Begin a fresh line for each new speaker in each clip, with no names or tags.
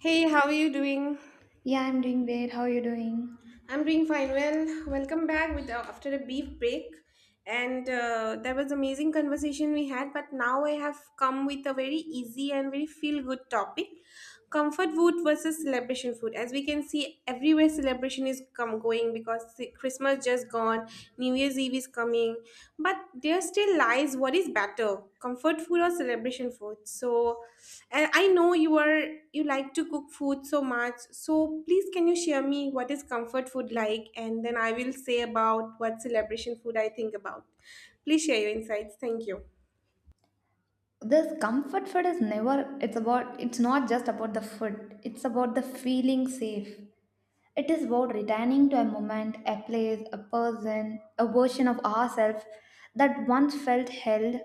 Hey, how are you doing?
Yeah, I'm doing great. How are you doing?
I'm doing fine. Well, welcome back with after a brief break, and that was amazing conversation we had. But now I have come with a very easy and very feel good topic: comfort food versus celebration food. As we can see, everywhere celebration is come going because the Christmas just gone, New Year's Eve is coming, but there still lies what is better: comfort food or celebration food. So and I know you like to cook food so much. So please can you share me what is comfort food like, and then I will say about what celebration food I think about. Please share your insights. Thank you.
This comfort food is never, it's about, it's not just about the food, it's about the feeling safe. It is about returning to a moment, a place, a person, a version of ourselves that once felt held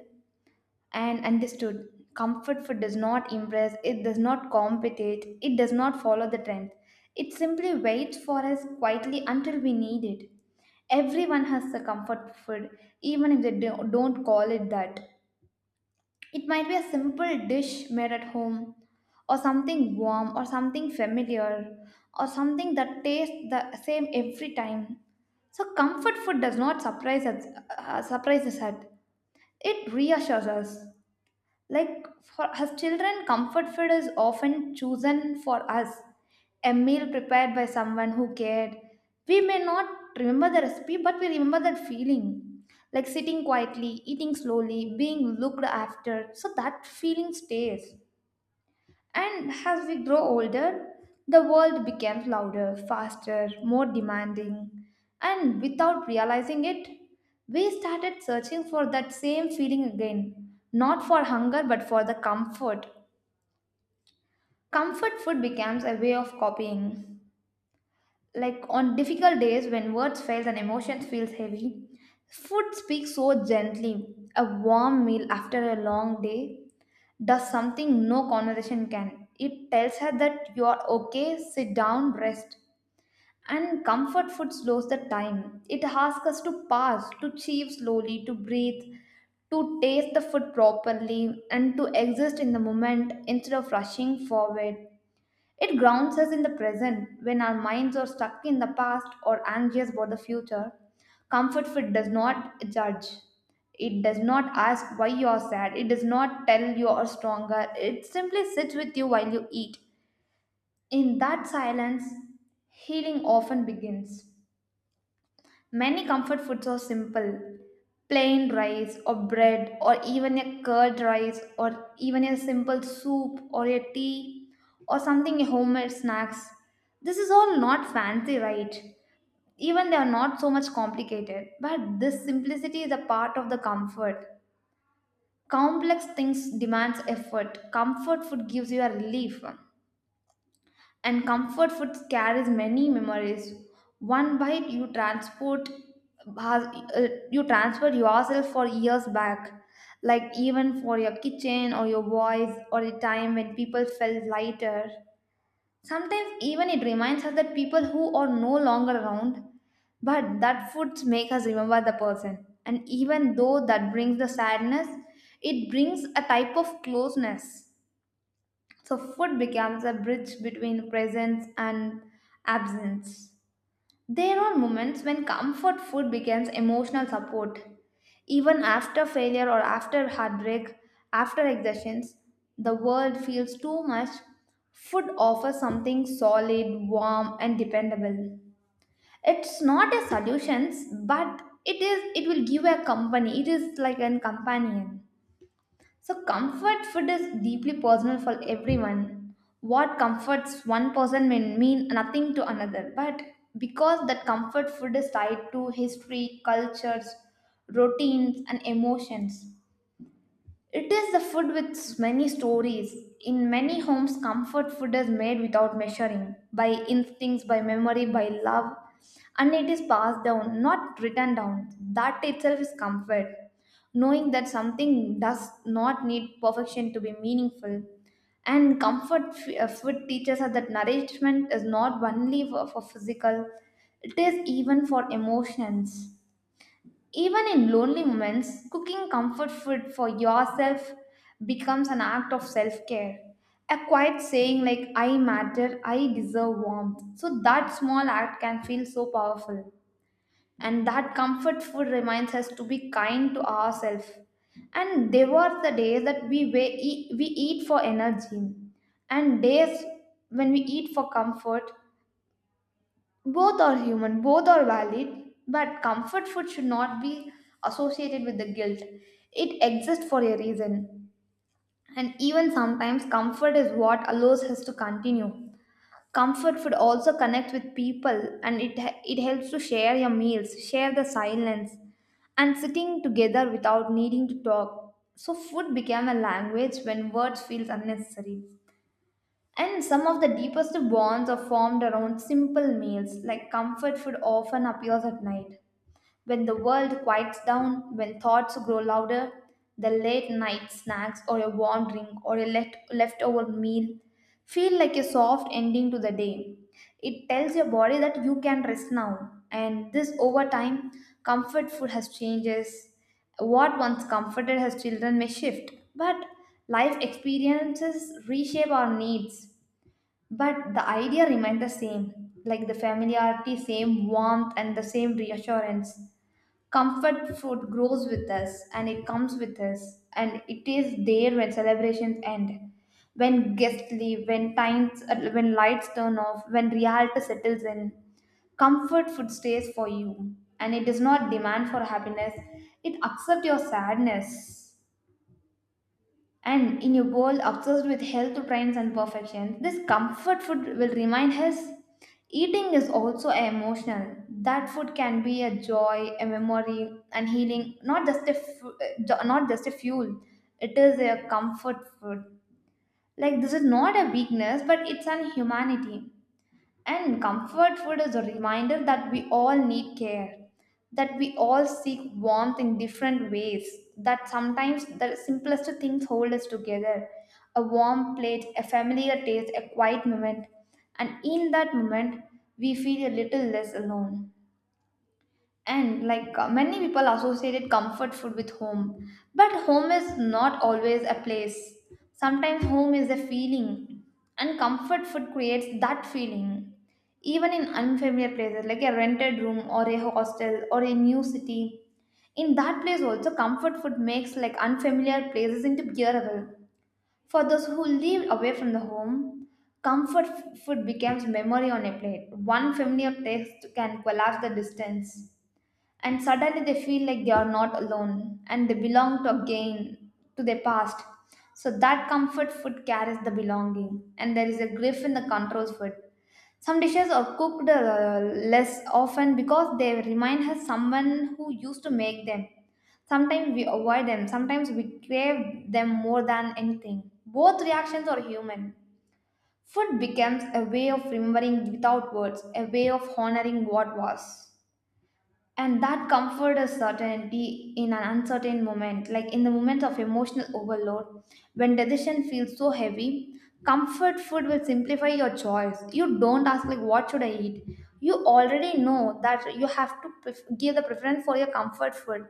and understood. Comfort food does not impress, it does not compete, it does not follow the trend. It simply waits for us quietly until we need it. Everyone has a comfort food, even if they don't call it that. It might be a simple dish made at home, or something warm, or something familiar, or something that tastes the same every time. So comfort food does not surprise us, surprise us at, it reassures us. Like for us children, comfort food is often chosen for us. A meal prepared by someone who cared. We may not remember the recipe, but we remember that feeling. Like sitting quietly, eating slowly, being looked after. So that feeling stays. And as we grow older, the world becomes louder, faster, more demanding. And without realizing it, we started searching for that same feeling again. Not for hunger, but for the comfort. Comfort food becomes a way of copying. Like on difficult days when words fail and emotions feels heavy, food speaks so gently. A warm meal after a long day does something no conversation can. It tells her that you are okay, sit down, rest. And comfort food slows the time. It asks us to pause, to chew slowly, to breathe, to taste the food properly, and to exist in the moment instead of rushing forward. It grounds us in the present when our minds are stuck in the past or anxious about the future. Comfort food does not judge. It does not ask why you are sad. It does not tell you are stronger. It simply sits with you while you eat. In that silence, healing often begins. Many comfort foods are simple, plain rice or bread, or even a curd rice, or even a simple soup or a tea, or something homemade snacks. This is all not fancy, right? Even they are not so much complicated, but this simplicity is a part of the comfort. Complex things demands effort. Comfort food gives you a relief. And comfort food carries many memories. One bite you has- you transfer yourself for years back. Like even for your kitchen or your voice or a time when people felt lighter. Sometimes even it reminds us that people who are no longer around, but that food makes us remember the person. And even though that brings the sadness, it brings a type of closeness. So, food becomes a bridge between presence and absence. There are moments when comfort food becomes emotional support. Even after failure or after heartbreak, after exertions, the world feels too much. Food offers something solid, warm, and dependable. It's not a solution, but it is. It will give a company. It is like a companion. So, comfort food is deeply personal for everyone. What comforts one person may mean nothing to another, but because that comfort food is tied to history, cultures, routines, and emotions, it is the food with many stories. In many homes, comfort food is made without measuring, by instincts, by memory, by love, and it is passed down, not written down. That itself is comfort. Knowing that something does not need perfection to be meaningful. And comfort food teaches us that nourishment is not only for physical, it is even for emotions. Even in lonely moments, cooking comfort food for yourself becomes an act of self care. A quiet saying like, I matter, I deserve warmth. So that small act can feel so powerful. And that comfort food reminds us to be kind to ourselves. And there were the days that we eat for energy, and days when we eat for comfort, both are human, both are valid, but comfort food should not be associated with the guilt. It exists for a reason. And even sometimes, comfort is what allows us to continue. Comfort food also connects with people and it helps to share your meals, share the silence, and sitting together without needing to talk. So, food became a language when words feels unnecessary. And some of the deepest bonds are formed around simple meals, like comfort food often appears at night. When the world quiets down, when thoughts grow louder, the late night snacks or a warm drink or a leftover meal feel like a soft ending to the day. It tells your body that you can rest now. And this over time, comfort food has changes. What once comforted as children may shift, but life experiences reshape our needs, but the idea remained the same, like the familiarity, same warmth, and the same reassurance. Comfort food grows with us and it comes with us, and it is there when celebrations end, when guests leave, when times, when lights turn off, when reality settles in. Comfort food stays for you, and it does not demand for happiness. It accepts your sadness. And in a world obsessed with health trends and perfection, this comfort food will remind us eating is also emotional. That food can be a joy, a memory, and healing, not just a fu- jo- not just a fuel. It is a comfort food. Like this is not a weakness, but it's an humanity. And comfort food is a reminder that we all need care, that we all seek warmth in different ways, that sometimes the simplest things hold us together. A warm plate, a familiar taste, a quiet moment. And in that moment, we feel a little less alone. And many people associated comfort food with home, but home is not always a place. Sometimes home is a feeling, and comfort food creates that feeling. Even in unfamiliar places like a rented room or a hostel or a new city, in that place also comfort food makes like unfamiliar places into bearable. For those who live away from the home, comfort food becomes memory on a plate. One familiar taste can collapse the distance, and suddenly they feel like they are not alone and they belong to again, to their past. So that comfort food carries the belonging. And there is a grief in the controls food. Some dishes are cooked less often because they remind us someone who used to make them. Sometimes we avoid them, sometimes we crave them more than anything. Both reactions are human. Food becomes a way of remembering without words, a way of honoring what was. And that comfort is certainty in an uncertain moment, like in the moment of emotional overload, when decision feels so heavy, comfort food will simplify your choice. You don't ask like what should I eat, you already know that you have to give the preference for your comfort food.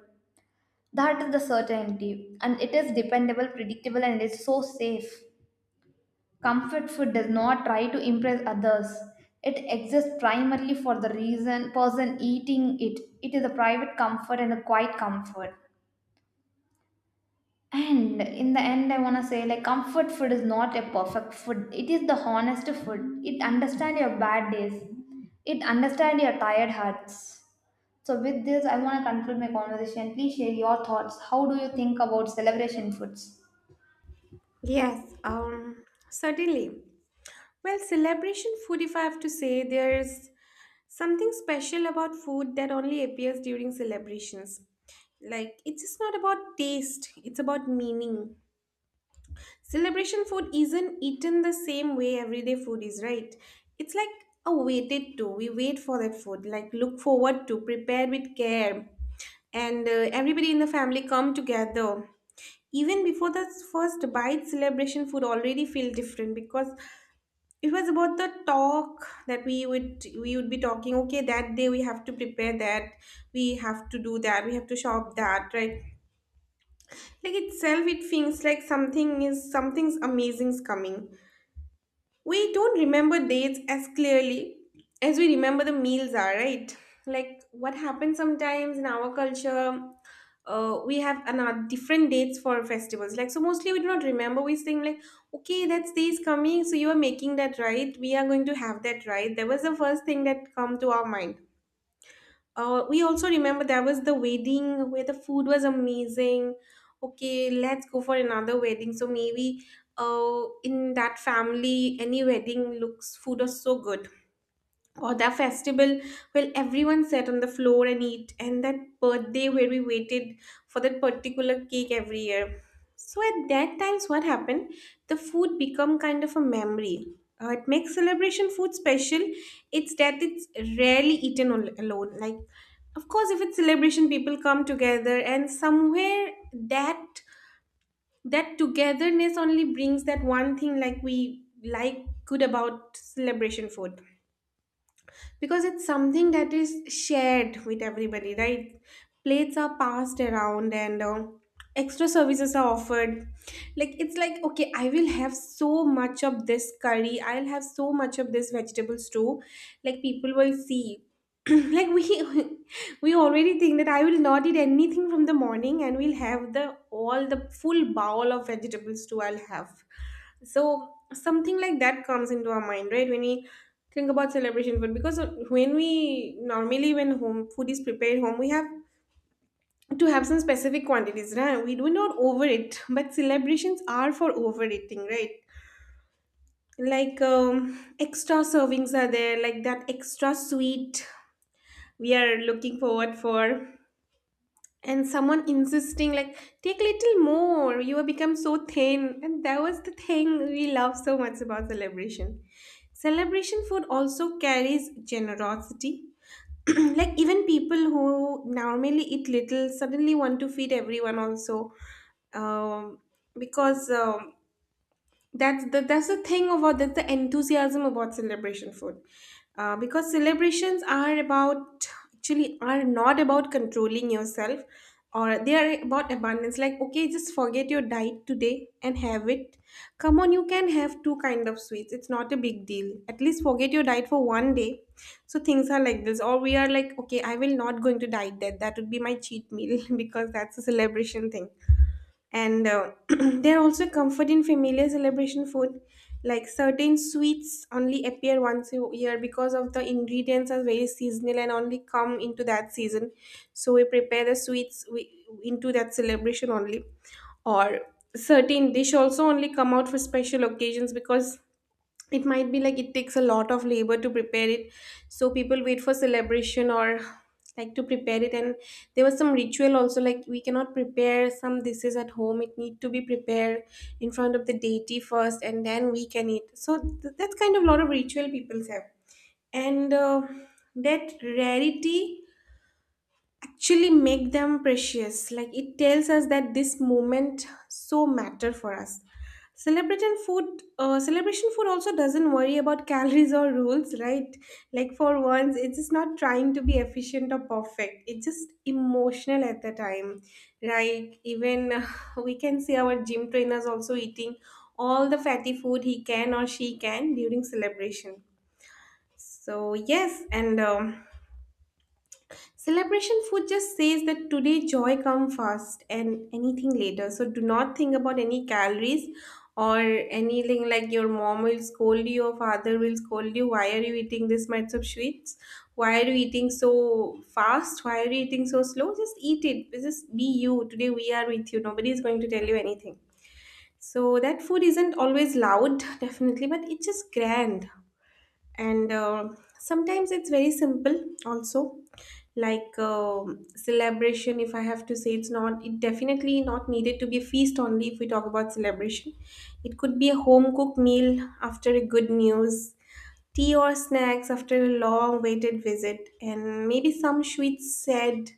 That is the certainty, and it is dependable, predictable, and it's so safe. Comfort food does not try to impress others. It exists primarily for the reason person eating it. It is a private comfort and a quiet comfort. And in the end, I want to say like comfort food is not a perfect food. It is the honest food. It understands your bad days. It understands your tired hearts. So with this, I want to conclude my conversation. Please share your thoughts. How do you think about celebration foods?
Yes, certainly. Well, celebration food, if I have to say, there's something special about food that only appears during celebrations. Like, it's just not about taste, it's about meaning. Celebration food isn't eaten the same way everyday food is, right? It's like a waited to. We wait for that food, like look forward to, prepare with care. And everybody in the family come together. Even before the first bite, celebration food already feel different, because it was about the talk that we would be talking. Okay, that day we have to prepare that, we have to do that, we have to shop that, right? Like itself, it feels like something's amazing's coming. We don't remember dates as clearly as we remember the meals are, right? Like what happens sometimes in our culture, we have another different dates for festivals. Like, so mostly we do not remember, we think like, okay, that's days coming, so you are making that, right? We are going to have that, right? That was the first thing that come to our mind. We also remember there was the wedding where the food was amazing. Okay, let's go for another wedding. So maybe in that family, any wedding looks food was so good, or the festival where everyone sat on the floor and eat, and that birthday where we waited for that particular cake every year. So at that times what happened, the food become kind of a memory. It makes celebration food special, it's that it's rarely eaten alone. Like, of course, if it's celebration, people come together, and somewhere that togetherness only brings that one thing, like we like good about celebration food, because it's something that is shared with everybody, right? Plates are passed around, and extra services are offered, like it's like, okay, I will have so much of this curry, I'll have so much of this vegetable stew, like people will see. Like we we already think that I will not eat anything from the morning, and we'll have the all the full bowl of vegetables too I'll have. So something like that comes into our mind, right, when we think about celebration food, because when we normally, when home food is prepared home, we have to have some specific quantities, right? We do not overeat, but celebrations are for overeating, right? Like extra servings are there, like that extra sweet we are looking forward for, and someone insisting like take little more, you have become so thin, and that was the thing we love so much about celebration. Celebration food also carries generosity. Like even people who normally eat little suddenly want to feed everyone also, um, because that's the enthusiasm about celebration food, because celebrations are about actually are not about controlling yourself, or they are about abundance. Like, okay, just forget your diet today and have it. Come on, you can have two kind of sweets. It's not a big deal. At least forget your diet for one day. So things are like this, or we are like, okay, I will not going to diet that. That would be my cheat meal, because that's a celebration thing, and there are also comfort in familiar celebration food. Like certain sweets only appear once a year because of the ingredients are very seasonal and only come into that season, so we prepare the sweets we, into that celebration only. Or certain dish also only come out for special occasions, because it might be like it takes a lot of labor to prepare it, so people wait for celebration or like to prepare it. And there was some ritual also, like we cannot prepare some dishes at home, it need to be prepared in front of the deity first, and then we can eat. So that's kind of a lot of ritual people have, and that rarity actually make them precious. Like it tells us that this moment so matter for us. Celebrating food celebration food also doesn't worry about calories or rules, right? Like for once, it's just not trying to be efficient or perfect, it's just emotional at the time, right? Even we can see our gym trainers also eating all the fatty food he can or she can during celebration. So yes, and celebration food just says that today joy come first and anything later. So do not think about any calories or anything, like your mom will scold you or father will scold you. Why are you eating this much of sweets? Why are you eating so fast? Why are you eating so slow? Just eat it. Just be you. Today we are with you. Nobody is going to tell you anything. So that food isn't always loud, definitely, but it's just grand, and sometimes it's very simple also. Like celebration, if I have to say, it definitely not needed to be a feast only. If we talk about celebration, it could be a home cooked meal after a good news, tea or snacks after a long waited visit, and maybe some sweets said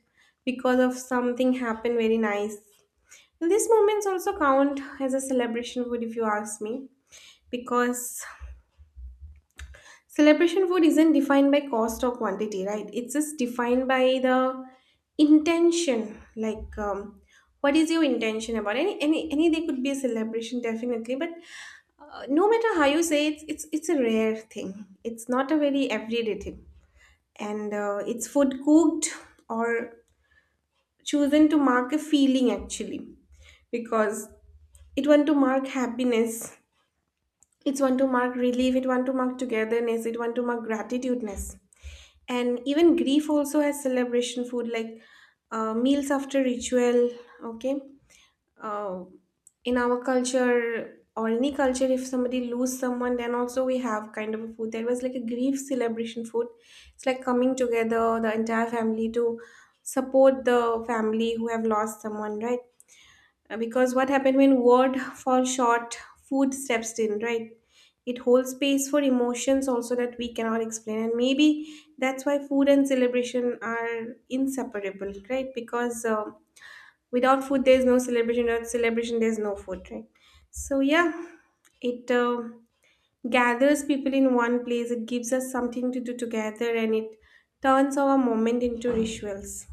because of something happened very nice. These moments also count as a celebration food, if you ask me, because celebration food isn't defined by cost or quantity, right? It's just defined by the intention. Like, what is your intention about any day could be a celebration, definitely. But no matter how you say it, it's a rare thing. It's not a very everyday thing, and it's food cooked or chosen to mark a feeling actually, because it want to mark happiness. It want to mark relief. It want to mark togetherness. It want to mark gratitudeness, and even grief also has celebration food, like meals after ritual. Okay, uh, in our culture or any culture, if somebody lose someone, then also we have kind of a food, there was like a grief celebration food. It's like coming together the entire family to support the family who have lost someone, right? Because what happened, when word falls short, food steps in, right? It holds space for emotions also that we cannot explain, and maybe that's why food and celebration are inseparable, right? Because without food there's no celebration, without celebration there's no food, right? So yeah, it gathers people in one place, it gives us something to do together, and it turns our moment into rituals.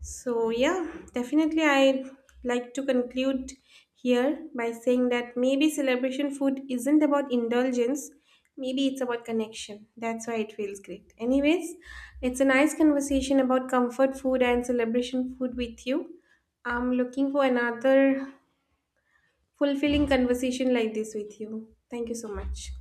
So, yeah, definitely I like to conclude here by saying that maybe celebration food isn't about indulgence, maybe it's about connection. That's why it feels great. Anyways, it's a nice conversation about comfort food and celebration food with you. I'm looking for another fulfilling conversation like this with you. Thank you so much.